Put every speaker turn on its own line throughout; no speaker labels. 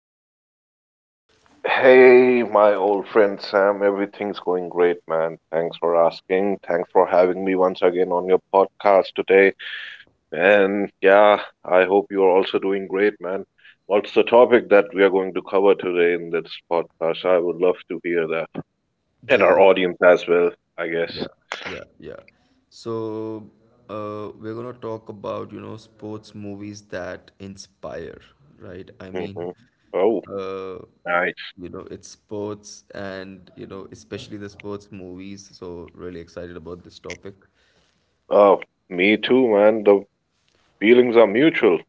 doing today?
Hey, my old friend Sam, everything's going great, man. Thanks for asking. Thanks for having me once again on your podcast today. And yeah, I hope you're also doing great, man. What's the topic that we are going to cover today in this podcast? I would love to hear that. And our
Yeah,
audience as well, I guess.
yeah, yeah, yeah. So we're gonna talk about, you know, sports movies that inspire, right? I mean,
Hmm. Oh,
uh,
nice.
you know, it's sports and, you know, especially the sports movies. So, really excited about this topic.
Oh, me too, man. The feelings are mutual.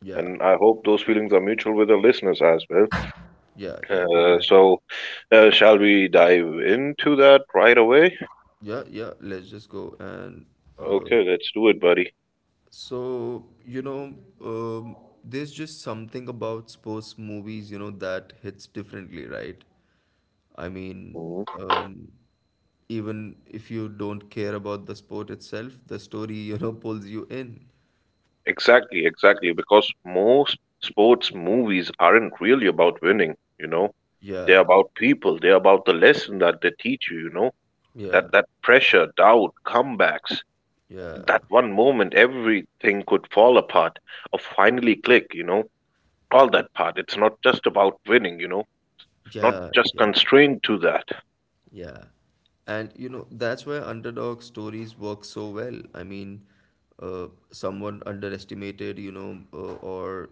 Yeah,
And I hope those feelings are mutual with the listeners as well.
yeah, yeah,
Uh,
exactly.
so, Shall we dive into that right away?
Yeah, yeah, let's just go and uh,
Okay, let's do it, buddy.
You know, um, there's just something about sports movies, you know, that hits differently, right? I mean,
Mhm.
um, even if you don't care about the sport itself, the story, you know, pulls you in.
Exactly, exactly. Because most sports movies aren't really about winning, you know. They're
Yeah,
about people. They're about the lesson that they teach you, you know.
yeah,
That pressure, doubt, comebacks,
yeah,
that one moment everything could fall apart or finally click, you know. All that part. It's not just about winning, you know. Not
yeah,
just
yeah.
constrained to that.
Yeah. And you know, that's why underdog stories work so well. I mean, someone underestimated, you know, or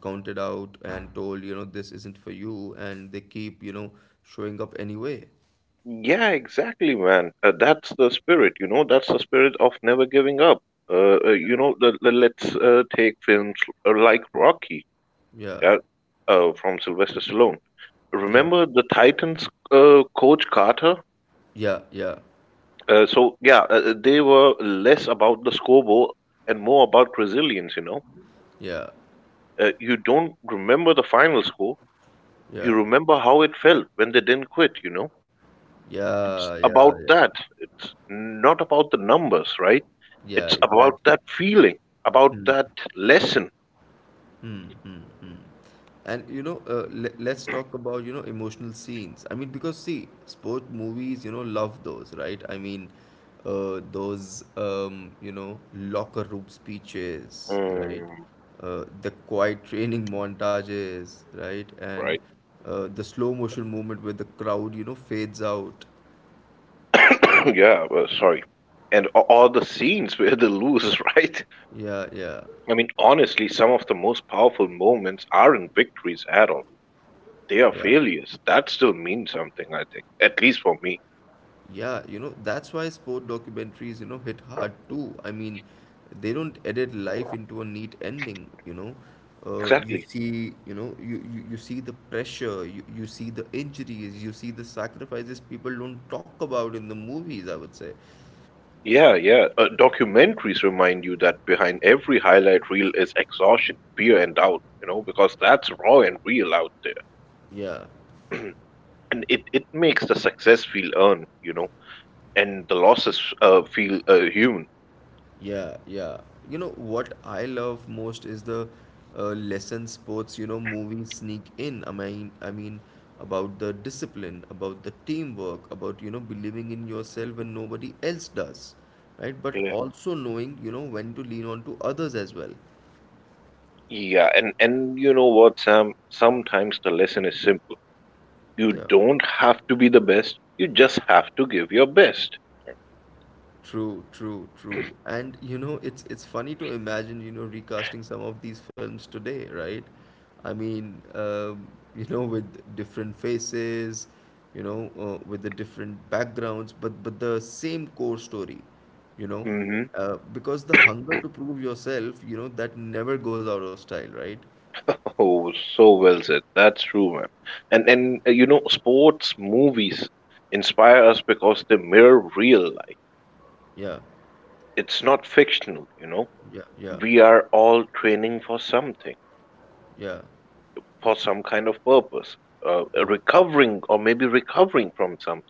counted out and told, you know, this isn't for you, and they keep, you know, showing up anyway.
Yeah, exactly, man. That's the spirit, you know, that's the spirit of never giving up. Let's take films like Rocky,
Yeah.
yeah, from Sylvester Stallone.
Yeah.
Remember the Titans, coach Carter?
Yeah. Yeah.
They were less about the scoreboard and more about resilience, you know.
Yeah.
You don't remember the final score, you
Yeah.
remember how it felt when they didn't quit, you know. It's
Yeah. Yeah.
about
Yeah.
that. It's not about the numbers, right?
Yeah.
It's about
Exactly.
that feeling, about
Hmm.
that lesson.
Hmm. Hmm. Hmm. And you know, let's talk about, you know, emotional scenes. I mean, because see, sport movies, you know, love those, right? I mean, those you know, locker room speeches, right?
Mm,
The quiet training montages, right? And
right.
the slow motion movement where the crowd, you know, fades out.
Yeah, well, sorry. And all the scenes where they lose, right?
Yeah, yeah,
I mean, honestly, some of the most powerful moments aren't victories at all. They are
yeah.
failures. That still means something, I think. At least for me.
Yeah, you know, that's why sport documentaries, you know, hit hard too. I mean, they don't edit life into a neat ending, you know. You
Exactly.
see, you know, you see the pressure, you see the injuries, you see the sacrifices people don't talk about in the movies, I would say.
Yeah, yeah. Documentaries remind you that behind every highlight reel is exhaustion, fear, and doubt, you know, because that's raw and real out there.
Yeah.
And it makes the success feel earned, you know. And the losses feel human.
Yeah, yeah. You know what I love most is the lesson sports, you know, movies sneak in. I mean about the discipline, about the teamwork, about, you know, believing in yourself when nobody else does, right? But
Yeah.
also knowing, you know, when to lean on to others as well.
Yeah, and you know what, Sam? Sometimes the lesson is simple. You
Yeah.
don't have to be the best. You just have to give your best.
True, true, true. And you know, it's funny to imagine, you know, recasting some of these films today, right? I mean, you know, with different faces, you know, with the different backgrounds, but the same core story, you know,
Hmm.
because the hunger to prove yourself, you know, that never goes out of style, right?
Oh, so well said. That's true, man. And you know, sports movies inspire us because they mirror real life.
Yeah,
It's not fictional, you know.
yeah, yeah,
We are all training for something,
yeah,
for some kind of purpose,
yeah,
recovering from something,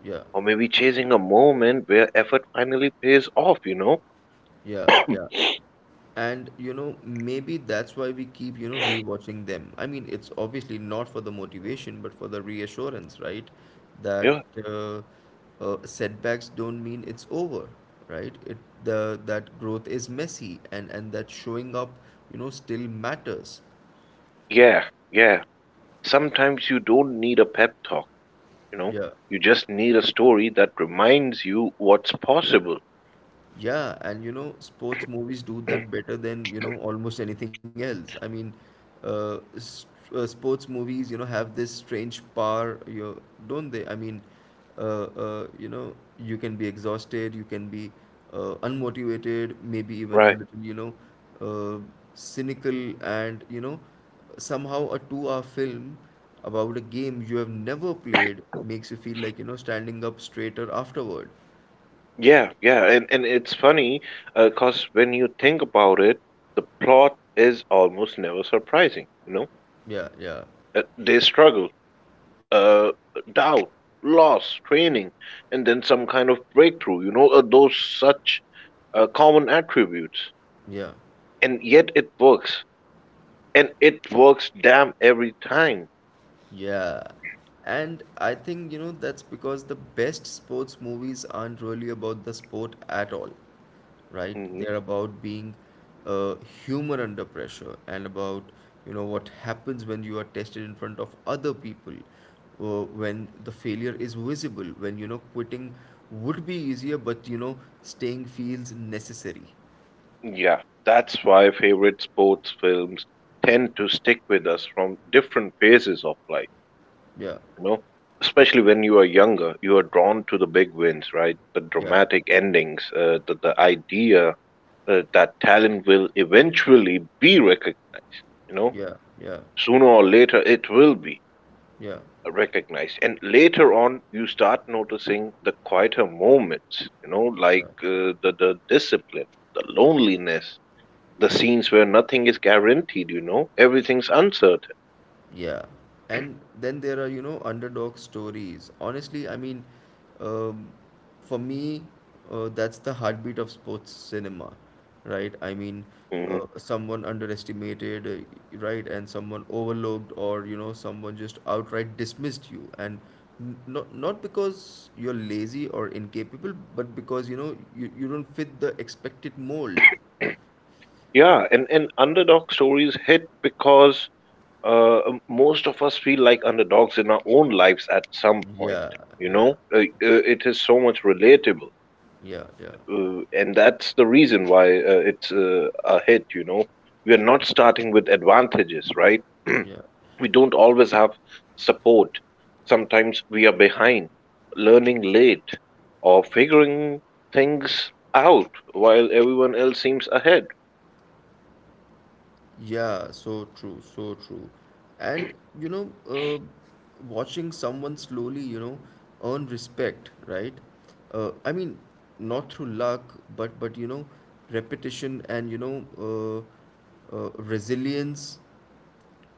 yeah,
or maybe chasing a moment where effort finally pays off, you know?
yeah, yeah. And you know, maybe that's why we keep, you know, rewatching them. I mean, it's obviously not for the motivation, but for the reassurance, right? That
Yeah,
uh, setbacks don't mean it's over, right? It the that growth is messy and that showing up, you know, still matters.
yeah, yeah. Sometimes you don't need a pep talk, you know?
Yeah.
You just need a story that reminds you what's possible.
Yeah, and you know, sports movies do that better than, you know, almost anything else. I mean, s sports movies, you know, have this strange power, you know, don't they? I mean, you know, you can be exhausted, you can be unmotivated, maybe even a
Right.
little, you know, uh, cynical, and, you know, somehow a two-hour film about a game you have never played makes you feel like, you know, standing up straighter afterward.
Yeah, yeah. And it's funny because when you think about it, the plot is almost never surprising, you know?
Yeah, yeah,
They struggle, uh, doubt, loss, training, and then some kind of breakthrough, you know? Those such common attributes.
yeah.
And yet it works, and it works damn every time.
Yeah. And I think, you know, that's because the best sports movies aren't really about the sport at all, right?
Hmm.
They're about being uh, human under pressure and about, you know, what happens when you are tested in front of other people, when the failure is visible, when, you know, quitting would be easier, but, you know, staying feels necessary.
Yeah, that's why favorite sports films tend to stick with us from different phases of life,
Yeah,
you know, especially when you are younger. You are drawn to the big wins, right? The
yeah,
dramatic endings, the idea that talent will eventually be recognized, you know,
yeah, yeah,
sooner or later it will be
yeah,
recognize. And later on you start noticing the quieter moments, you know,
yeah.
like the discipline, the loneliness, the scenes where nothing is guaranteed, you know, everything's uncertain.
Yeah, and then there are, you know, underdog stories. Honestly, um, for me, that's the heartbeat of sports cinema, right? I mean,
Hmm.
uh, someone underestimated, right, and someone overlooked, or, you know, someone just outright dismissed you, and not because you're lazy or incapable, but because, you know, you don't fit the expected mold.
Yeah, and underdog stories hit because, most of us feel like underdogs in our own lives at some point,
Yeah,
you
yeah,
know. It is so much relatable.
yeah, yeah,
And that's the reason why it's a hit, you know. We are not starting with advantages, right?
yeah.
We don't always have support. Sometimes we are behind, learning late, or figuring things out while everyone else seems ahead.
Yeah, so true, so true. And you know, watching someone slowly, you know, earn respect, right? I mean, not through luck, but you know, repetition and, you know, resilience,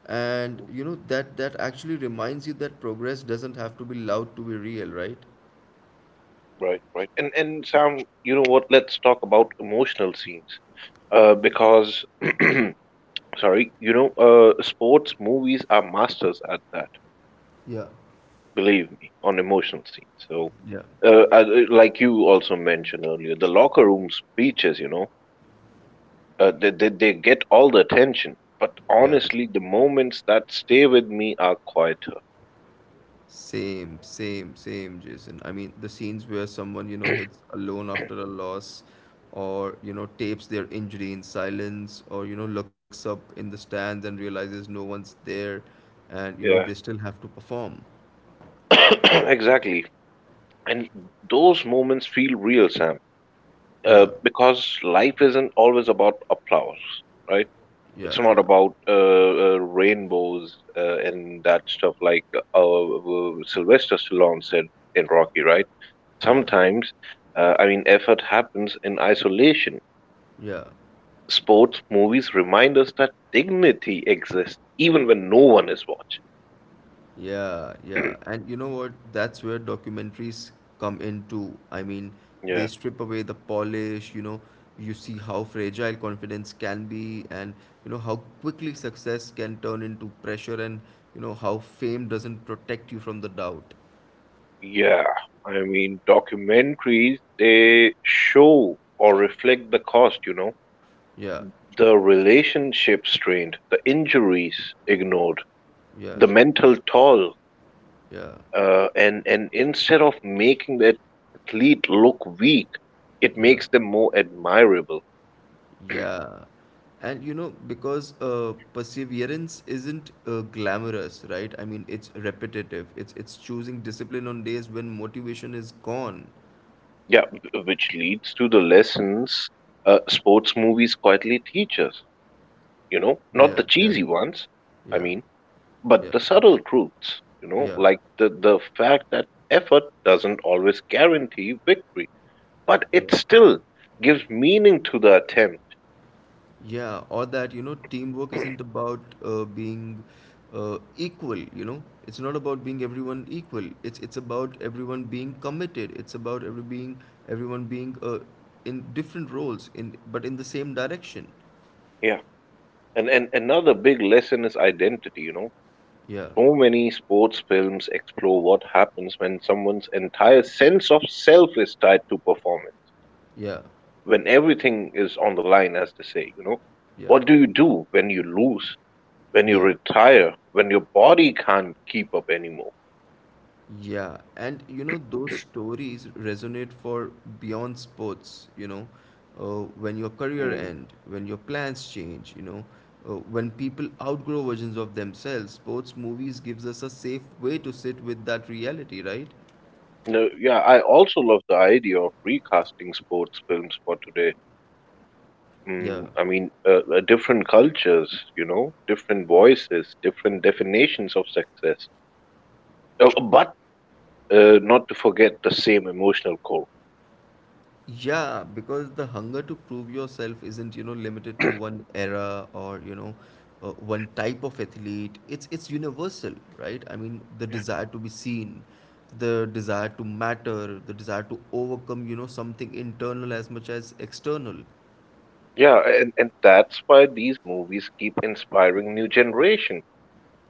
and you know that that actually reminds you that progress doesn't have to be loud to be real, right?
Right, right. And Sam, you know what? Let's talk about emotional scenes. Because sorry, you know, sports movies are masters at that.
Yeah,
Believe me, on emotional scenes. So,
yeah,
like you also mentioned earlier, the locker room speeches, you know, they get all the attention. But
yeah.
honestly, the moments that stay with me are quieter.
Same, same, same, Jason. I mean, the scenes where someone, you know, hits alone after a loss or, you know, tapes their injury in silence or, you know, looks up in the stands and realizes no one's there and, you know,
Yeah.
they still have to perform.
Exactly. And those moments feel real, Sam,
Yeah,
because life isn't always about applause, right? It's
yeah,
not
yeah,
about rainbows and that stuff, like Sylvester Stallone said in Rocky, right?
yeah,
Sometimes, I mean, effort happens in isolation.
yeah.
Sports movies remind us that dignity exists even when no one is watching.
Yeah, yeah. And you know what? That's where documentaries come in too. I mean, they
Yeah,
strip away the polish, you know, you see how fragile confidence can be and you know how quickly success can turn into pressure and you know how fame doesn't protect you from the doubt.
yeah. I mean, documentaries, they show or reflect the cost, you know,
Yeah,
the relationship strained, the injuries ignored,
yeah,
the mental toll.
yeah,
And instead of making the athlete look weak, it
yeah.
makes them more admirable.
Yeah. And you know, because perseverance isn't glamorous, right? I mean, it's repetitive. It's choosing discipline on days when motivation is gone.
Yeah, which leads to the lessons sports movies quietly teach us. You know, not
Yeah,
the
yeah,
cheesy ones, I
yeah,
mean, but
yeah,
the
yeah,
subtle truths. You know,
yeah,
like the fact that effort doesn't always guarantee victory, but it
yeah.
still gives meaning to the attempt.
Yeah, or that, you know, teamwork isn't about being equal, you know. It's not about being everyone equal. It's about everyone being committed. It's about everyone being in different roles in but in the same direction.
Yeah, and another big lesson is identity. You know,
Yeah,
so many sports films explore what happens when someone's entire sense of self is tied to performance,
yeah,
when everything is on the line, as they say, you know?
yeah,
What do you do when you lose, when you
yeah,
retire, when your body can't keep up anymore?
yeah. And you know, those stories resonate for beyond sports, you know, when your career
Mm.
end, when your plans change, you know, when people outgrow versions of themselves, sports movies gives us a safe way to sit with that reality, right?
No, yeah, I also love the idea of recasting sports films for today.
Yeah.
Mm, I mean, different cultures, you know, different voices, different definitions of success. Oh, but not to forget the same emotional core.
Yeah, because the hunger to prove yourself isn't, you know, limited to one era or, you know, one type of athlete. It's universal, right? I mean, the
Yeah,
desire to be seen, the desire to matter, the desire to overcome, you know, something internal as much as external.
yeah, and that's why these movies keep inspiring new generation.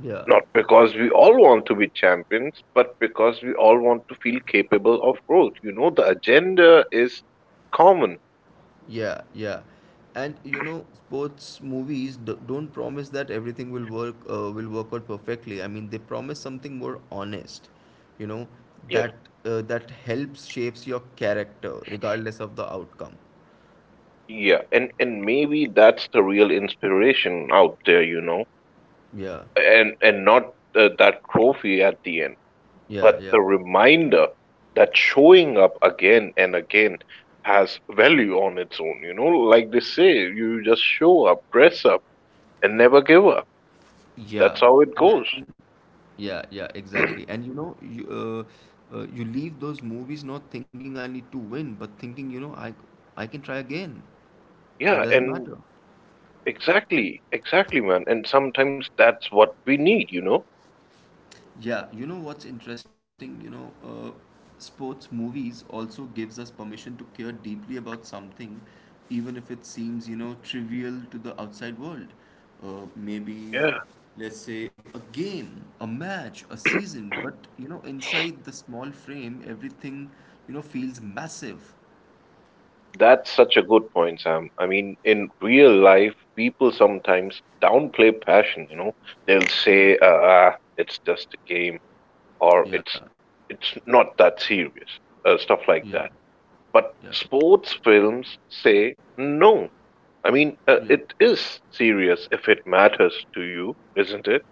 Yeah.
Not because we all want to be champions, but because we all want to feel capable of growth. You know, the agenda is common.
Yeah, yeah. And you know, sports movies don't promise that everything will work out perfectly. I mean, they promise something more honest, you know,
Yeah.
that that helps shapes your character regardless of the outcome.
Yeah, and maybe that's the real inspiration out there, you know,
Yeah,
and not that trophy at the end, but
yeah,
the
yeah.
reminder that showing up again and again has value on its own, you know, like they say, you just show up, dress up, and never give up. That's how
Yeah,
it goes.
and yeah, yeah, exactly. And you know, you you leave those movies not thinking I need to win, but thinking, you know, I can try again.
Yeah,
It doesn't
and
matter.
exactly, exactly, man. And sometimes that's what we need, you know?
Yeah, you know what's interesting? You know, sports movies also gives us permission to care deeply about something, even if it seems, you know, trivial to the outside world. Maybe,
Yeah.
let's say, a game, a match, a season, but, you know, inside the small frame, everything, you know, feels massive.
That's such a good point, Sam. I mean, in real life, people sometimes downplay passion, you know? They'll
Yeah,
say, ah, it's just a game, or
yeah,
it's not that serious, stuff
yeah,
like that. But
yeah,
sports films say no. I mean,
yeah.
it is serious if it matters to you, isn't it?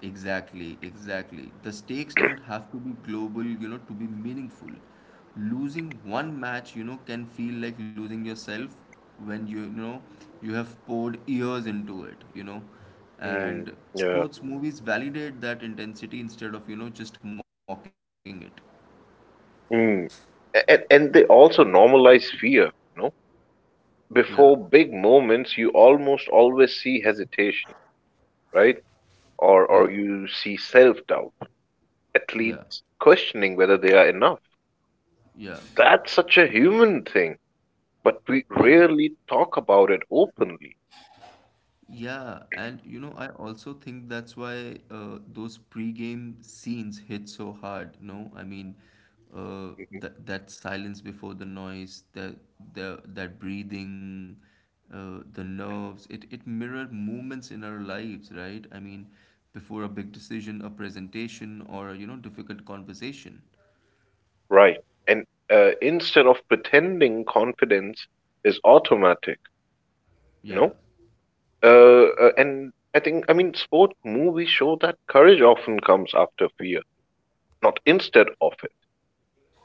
Exactly, exactly. The stakes don't have to be global, you know, to be meaningful. Losing one match, you know, can feel like losing yourself when you know you have poured years into it, you know.
Mm,
And
yeah.
sports movies validate that intensity instead of, you know, just mocking it.
Mm. And they also normalize fear, you know.
Yeah,
Before big moments, you almost always see hesitation, right?
yeah,
Or you see self doubt,
yeah,
athletes questioning whether they are enough.
yeah,
That's such a human thing, but we
yeah.
rarely talk about it openly.
Yeah, and you know, I also think that's why those pre-game scenes hit so hard. No, I mean, uh,
Mhm.
that silence before the noise, that breathing, the nerves. It mirrored moments in our lives, right? I mean, before a big decision, a presentation, or a, you know, difficult conversation.
Right. And instead of pretending confidence is automatic, you
Yeah.
know? And I think, I mean, sport movies show that courage often comes after fear, not instead of it.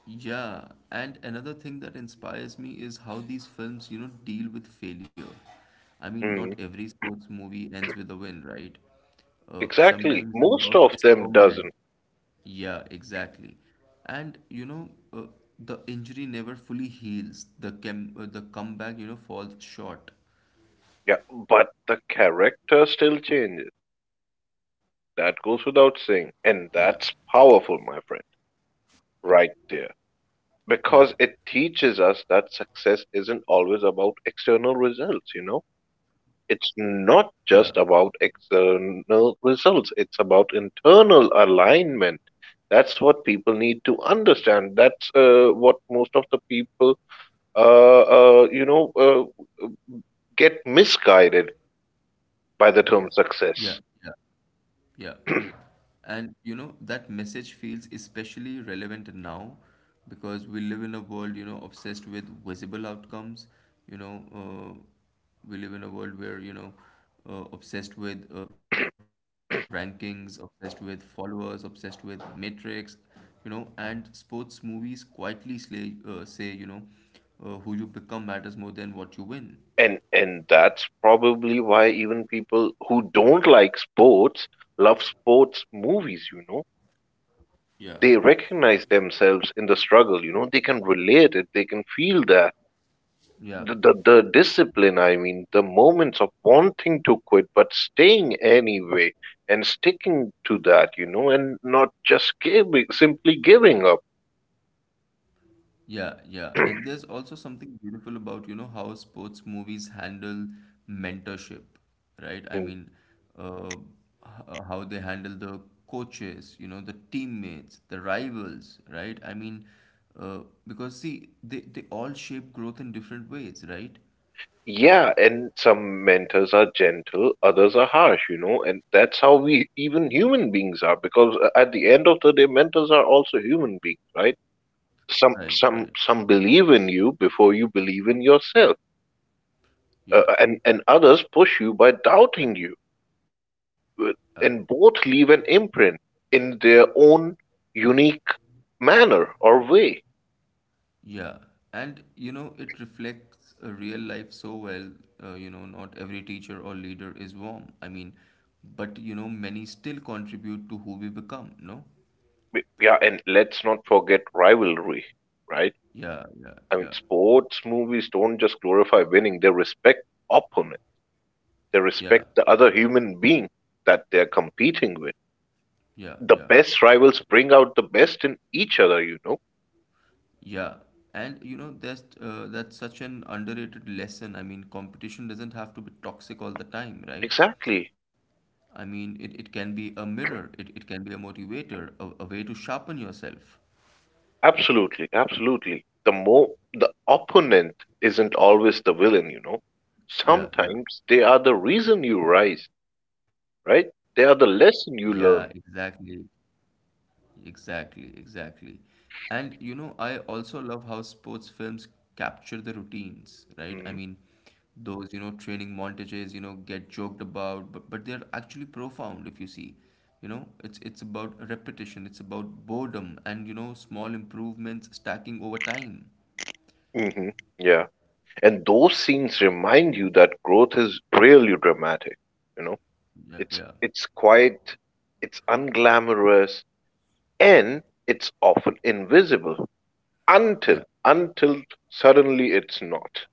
Yeah, and another thing that inspires me is how these films, you know, deal with failure. I mean, not
Mm.
every sports movie ends with a win, right?
Exactly.
Sometimes the loss
Most of
is
them
permanent.
doesn't.
Yeah, exactly. And you know, the injury never fully heals. The comeback, you know, falls short.
Yeah, but the character still changes.
Yeah,
That goes without saying. And that's
yeah,
powerful, my friend,
yeah,
right there. Because it teaches us that success isn't always about external results, you know?
yeah,
It's not just about external results, it's about internal alignment. That's what people need to understand. That's what most of the people, uh, uh, you know, uh, get misguided by the term
yeah, yeah,
success.
yeah. And you know, that message feels especially relevant now because we live in a world, you know, obsessed with visible outcomes. You know, we live in a world where, you know, obsessed with rankings, obsessed with followers, obsessed with metrics, you know, and sports movies quietly say, you know, who you become matters more than what you win.
And that's probably why even people who don't like sports love sports movies, you know.
Yeah.
They recognize themselves in the struggle, you know. They can relate it, they can feel that. The,
Yeah.
the, the discipline, I mean, the moments of wanting to quit but staying anyway and sticking to that, you know, and not just giving, simply giving up.
Yeah, yeah. And there's also something beautiful about, you know, how sports movies handle mentorship, right? I
Hmm.
mean, uh, how they handle the coaches, you know, the teammates, the rivals, right? I mean, uh, because see, they all shape growth in different ways, right?
Yeah, and some mentors are gentle, others are harsh, you know, and that's how we even human beings are, because at the end of the day mentors are also human beings, right? Some
Right, right.
some some believe in you before you believe in yourself. Uh,
Yeah.
and and others push you by doubting you. Uh,
Uh,
And both leave an imprint in their own unique manner or way.
yeah, and you know, it reflects a real life so well. You know, not every teacher or leader is warm. I mean, but you know, many still contribute to who we become, no?
Yeah, and let's not forget rivalry, right?
Yeah, yeah,
I
yeah,
mean, sports movies don't just glorify winning, they respect opponent. They
yeah,
respect the other human being that they're competing with.
yeah,
The
yeah,
best rivals bring out the best in each other, you know?
yeah. And you know, that's such an underrated lesson. I mean, competition doesn't have to be toxic all the time, right?
Exactly.
I mean, it can be a mirror, it can be a motivator, a way to sharpen yourself.
Absolutely. Absolutely. The more the opponent isn't always the villain, you know?
Yeah, yeah.
Sometimes they are the reason you rise, right?
Yeah,
They are the lesson
exactly.
you learn.
Exactly, exactly. And I also love how sports films capture the routines, right?
Hmm.
Those, training montages, get joked about, but they're actually profound if you see. It's about repetition, it's about boredom and, small improvements stacking over time.
Hmm. Yeah. And those scenes remind you that growth is really dramatic, you know?
Yeah,
It's
yeah,
it's quite, it's unglamorous, and it's often invisible
yeah.
until suddenly it's not.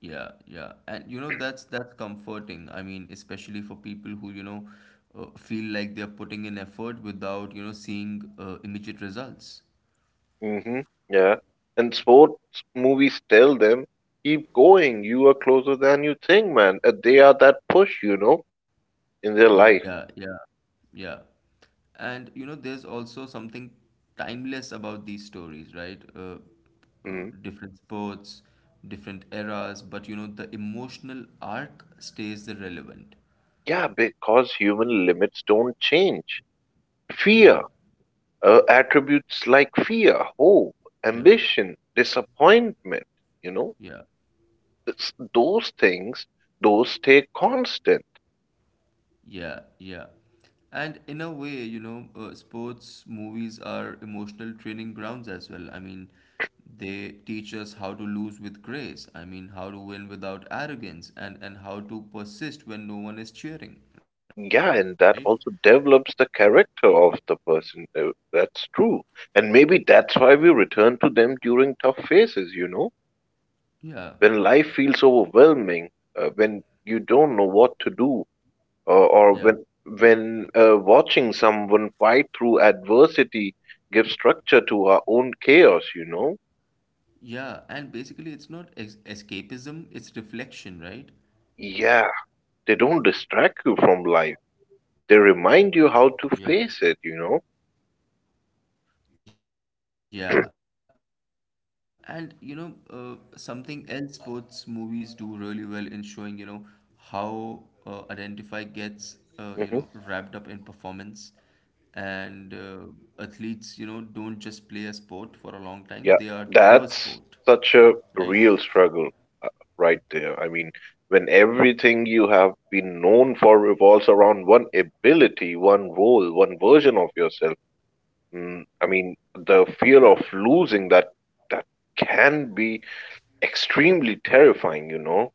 Yeah, yeah. And that's comforting. I mean, especially for people who, feel like they're putting in effort without, seeing immediate results.
Hmm. Yeah, and sports movies tell them, keep going. You are closer than you think, man. They are that push, you know, in their
Yeah,
life.
yeah, yeah. And there's also something timeless about these stories, right?
Mhm.
Different sports, different eras, but the emotional arc stays the relevant.
Yeah, because human limits don't change.
Yeah,
Fear, attributes like fear, hope,
yeah,
ambition, disappointment. You know
yeah.
those things those stay constant.
Yeah, yeah. And in a way, sports movies are emotional training grounds as well. I mean, they teach us how to lose with grace. I mean, how to win without arrogance and how to persist when no one is cheering, right?
Yeah, and that also develops the character of the person. That's true. And maybe that's why
Yeah.
we return to them during tough phases, you know, when
Yeah.
life feels overwhelming, when you don't know what to do, or, or when when
Yeah.
uh, watching someone fight through adversity gives structure to our own chaos, you know.
Yeah, and basically it's not ex escapism,
Yeah,
it's
they don't
reflection, right?
distract you from life, they remind you how to face it.
Yeah. Yeah, and something else sports movies do really well in showing, how Identify gets,
Hmm.
wrapped up in performance. And Athletes, don't just play a sport for a long time,
Yeah,
they are the
that's
sport,
such a
right?
real struggle uh, right there. I mean, when everything you have been known for revolves around one ability, one role, one version of yourself, I mean, the fear
Yeah.
of losing that that can be extremely terrifying, you know.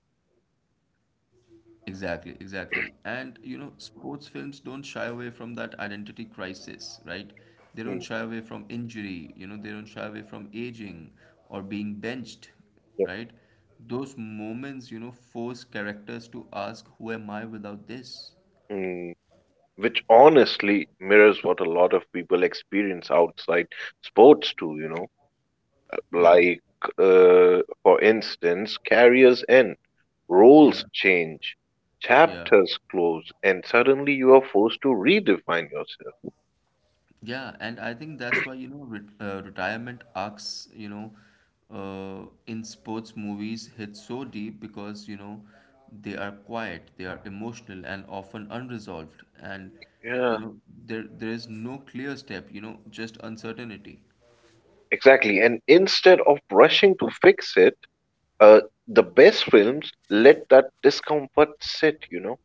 Exactly, exactly. And sports films don't shy away from that identity crisis, right? They don't
Mm,
shy away from injury, they don't shy away from aging or being benched,
yeah.
right? Those moments, force characters to ask, who am I without this?
Mm, which honestly mirrors what a lot of people experience outside sports too, you know.
Yeah,
Like, for instance, carriers end, roles
yeah,
change,
yeah.
chapters close, and suddenly you are forced to redefine yourself.
Yeah, and I think that's why, retirement arcs, in sports movies hit so deep because, they are quiet, they are emotional and often unresolved. And, you
Yeah,
know, there is no clear step, just uncertainty.
exactly. And instead of rushing to fix it, the best films let that discomfort sit. You know,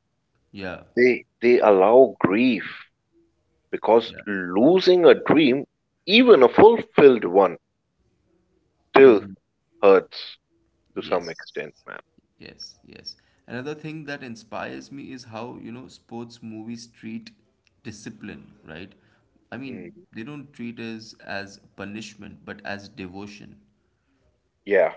Yeah,
they they allow grief, because
yeah.
losing a dream, even a fulfilled one, still
Mm-hmm.
hurts to some
Yes,
extent, man.
yes, yes. Another thing that inspires me is how, sports movies treat discipline, right? I mean,
Mm,
they don't treat us as punishment, but as devotion.
yeah.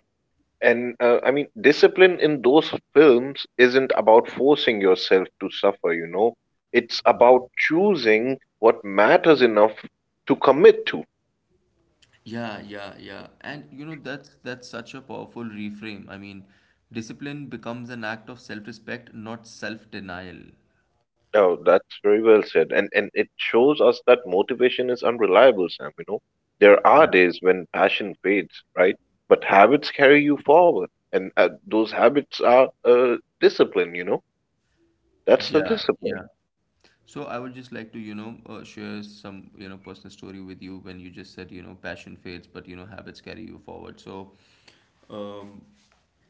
And I mean, discipline in those films isn't about forcing yourself to suffer, you know. It's
Yeah.
about choosing what matters enough to commit to.
Yeah, yeah, yeah. And that's such a powerful reframe. I mean, discipline becomes an act of self-respect, not self-denial.
Oh, that's very well said. And it shows us that motivation is unreliable, Sam, you know. There
Yeah.
are days when passion fades, right? But habits carry you forward, and those habits are discipline, you know. That's the
Yeah,
discipline.
yeah. So I would just like to, share some, personal story with you when you just said, passion fades, but, habits carry you forward. So, um,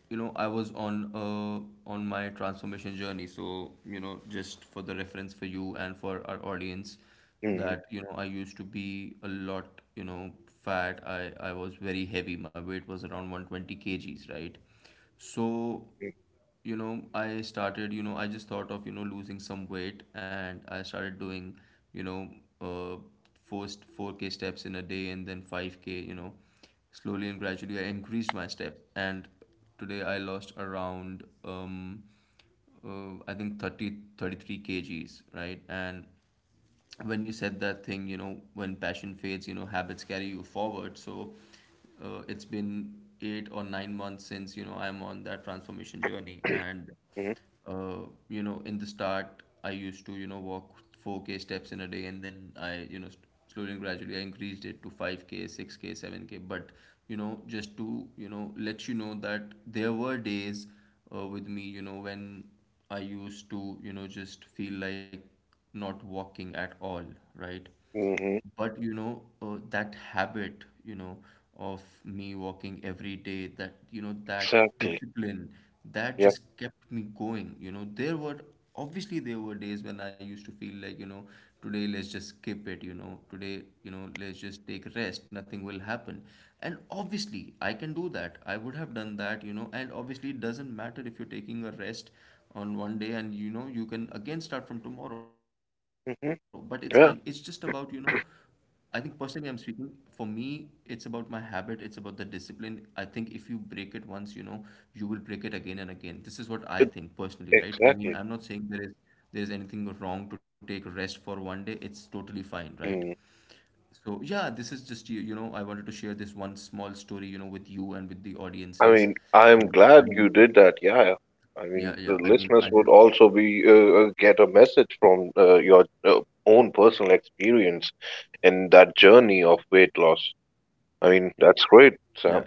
I was on my transformation journey. So, just for the reference for you and for our audience,
Hmm.
that, I used to be a lot, fat. I was very heavy. My weight was around 120 kgs, right? So, I just thought of, losing some weight and I started doing, you know, uh, first 4K steps in a day and then 5K, slowly and gradually I increased my steps. And today I lost around, I think 33 kgs, right? And when you said that thing, when passion fades, habits carry you forward. So it's been 8 or 9 months since, I'm on that transformation journey. And,
Hmm.
in the start, I used to, walk 4K steps in a day. And then I, slowly and gradually, I increased it to 5K, 6K, 7K. But, you know, just to, you know, let you know that there were days with me, when I used to, just feel like, not walking at all, right?
Hmm.
But that habit, of me walking every day, that you know that
Exactly.
discipline, that
Yeah.
just kept me going. You know, there were, obviously there were days when I used to feel like, today let's just skip it, today, let's just take rest, nothing will happen. And obviously I can do that, I would have done that, and obviously it doesn't matter if you're taking a rest on one day and you can again start from tomorrow, but it's fine. It's just
Hmm.
about,
Yeah.
I think personally, I'm speaking for me, it's about my habit, it's about the discipline. I think if you break it once, you will break it again and again. This is what I think personally, right? I mean, I'm not saying
Exactly.
there is anything wrong to take rest for one day. It's totally fine, right?
Mm.
So yeah, this is just you, I wanted to share this one small story, with you and with the audiences.
I mean,
Right?
I'm
I
glad
mean,
you did that. Yeah. I
yeah,
mean,
yeah. I
the
mean, I
listeners
just
would also be get a message from your own personal experience in that journey of weight loss. I
yeah,
mean,
yeah.
that's great, Sam.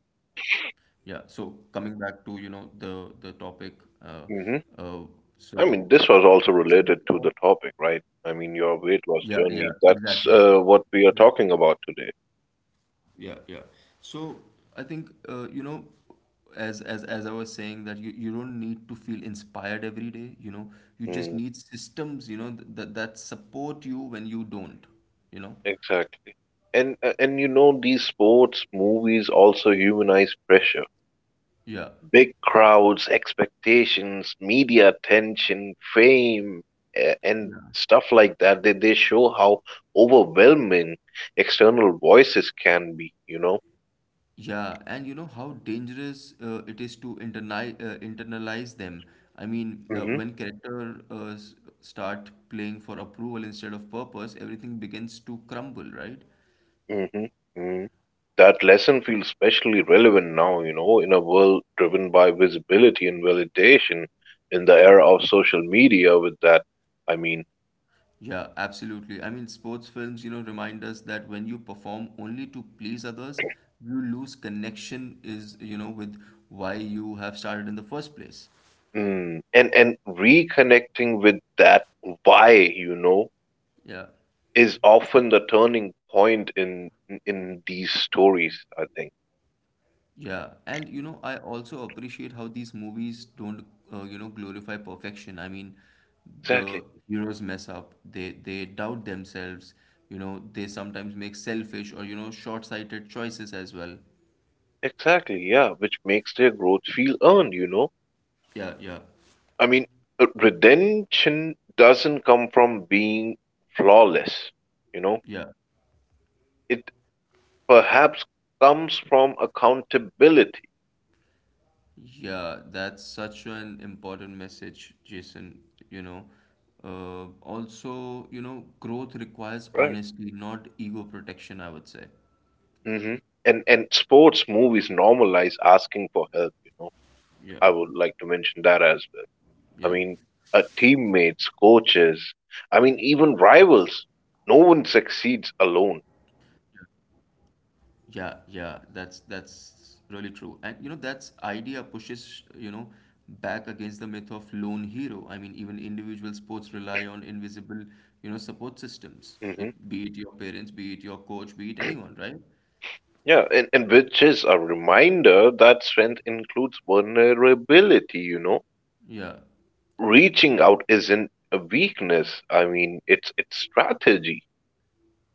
Yeah, so coming back to, the topic, uh, uh,
Hmm.
so
I mean, this was
see,
also
uh,
related to the topic, right? I mean, your
yeah,
weight
yeah,
loss journey.
exactly,
That's what
exactly,
we are talking about today.
yeah, yeah. So I think, as I was saying that you don't need to feel inspired every day, you just
Mm,
need systems, you know, th that that support you when you don't, you know,
exactly. And and you know, these sports, movies also humanize pressure.
yeah.
Big crowds, expectations, media attention, fame, and stuff like that. They show how overwhelming external voices can be. You know.
Yeah, and how dangerous it is to internalize, internalize them. I mean,
Hmm.
when character start playing for approval instead of purpose, everything begins to crumble, right?
Hmm. Hmm. That lesson feels especially relevant now. You know, in a world driven by visibility and validation, in the era of social media. With that, I mean,
Yeah, absolutely. I mean, sports films, remind us that when you perform only to please others, you lose connection is, with why you have started in the first place.
mm, and reconnecting with that why. You know,
Yeah.
is often the turning point in these stories, I think.
Yeah, and I also appreciate how these movies don't, glorify perfection. I mean,
Exactly.
the heroes mess up, they doubt themselves, they sometimes make selfish or, short-sighted choices as well.
Exactly, yeah, which makes their growth feel earned, you know?
Yeah, yeah,
I mean, redemption doesn't come from being flawless, you know?
yeah,
It perhaps comes from accountability,
yeah, that's such an important message, Jason, you know. Also, growth requires
right?
honesty, not ego protection, I would say.
Hmm. And sports movies normalize asking for help, you know?
Yeah,
I would like to mention that as well. I
yeah.
mean, teammates, coaches, I mean, even rivals. No one succeeds alone.
Yeah, yeah, that's really true. And that's idea pushes, back against the myth of lone hero. I mean, even individual sports rely on invisible, support systems. It
Hmm.
be it your parents, be it your coach, be it anyone, right?
Yeah, and which is a reminder that strength includes vulnerability, you know.
Yeah.
Reaching out isn't a weakness. I mean, it's strategy.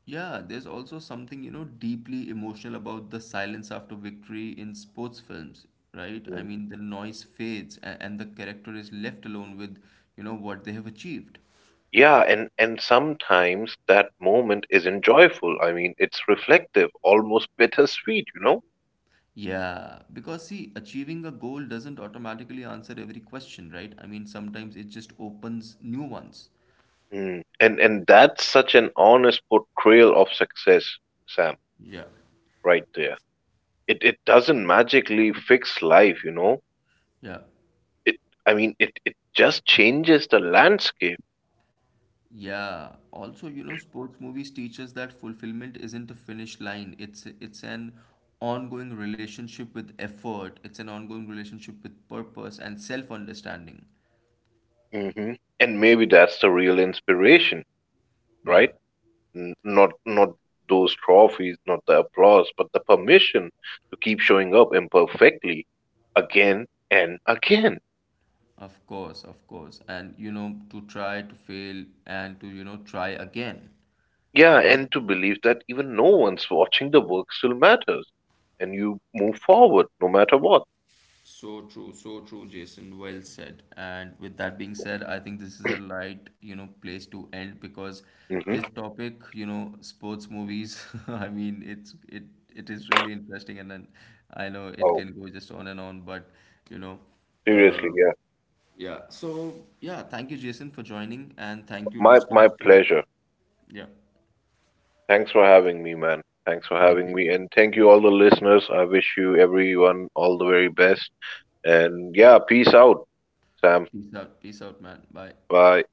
Yeah, there's also something, deeply emotional about the silence after victory in sports films, right? I
Mm.
mean, the noise fades and the character is left alone with, what they have achieved.
Yeah, and sometimes that moment isn't joyful. I mean, it's reflective, almost bittersweet, you know.
Yeah, because see, achieving a goal doesn't automatically answer every question, right? I mean, sometimes it just opens new ones.
Mm. And that's such an honest portrayal of success, Sam.
Yeah,
Right there. It doesn't magically fix life, you know.
yeah,
It I mean it it just changes the landscape.
yeah. Also, sports movies teach us that fulfillment isn't a finish line. It's an ongoing relationship with effort. It's an ongoing relationship with purpose and self-understanding.
Hmm. And maybe that's the real inspiration,
Yeah,
right? Not not those trophies, not the applause, but the permission to keep showing up imperfectly again and again.
of course, of course. And to try, to fail, and to try again.
Yeah, and to believe that even no one's watching the work still matters, and you move forward no matter what.
So true, Jason. Well said. And with that being said, I think this is a right, place to end because
Hmm.
this topic, sports movies, I mean, it is really interesting and then I know it
Oh,
can go just on and on, but you know,
seriously,
uh,
yeah.
yeah. So yeah, thank you, Jason, for joining and thank you,
My
listeners, too.
pleasure.
Yeah,
Thanks for having me, man. Thanks for
thank
having
you.
me. And thank you, all the listeners. I wish you, everyone, all the very best. And yeah, peace out, Sam.
Peace out, man. Bye.
Bye.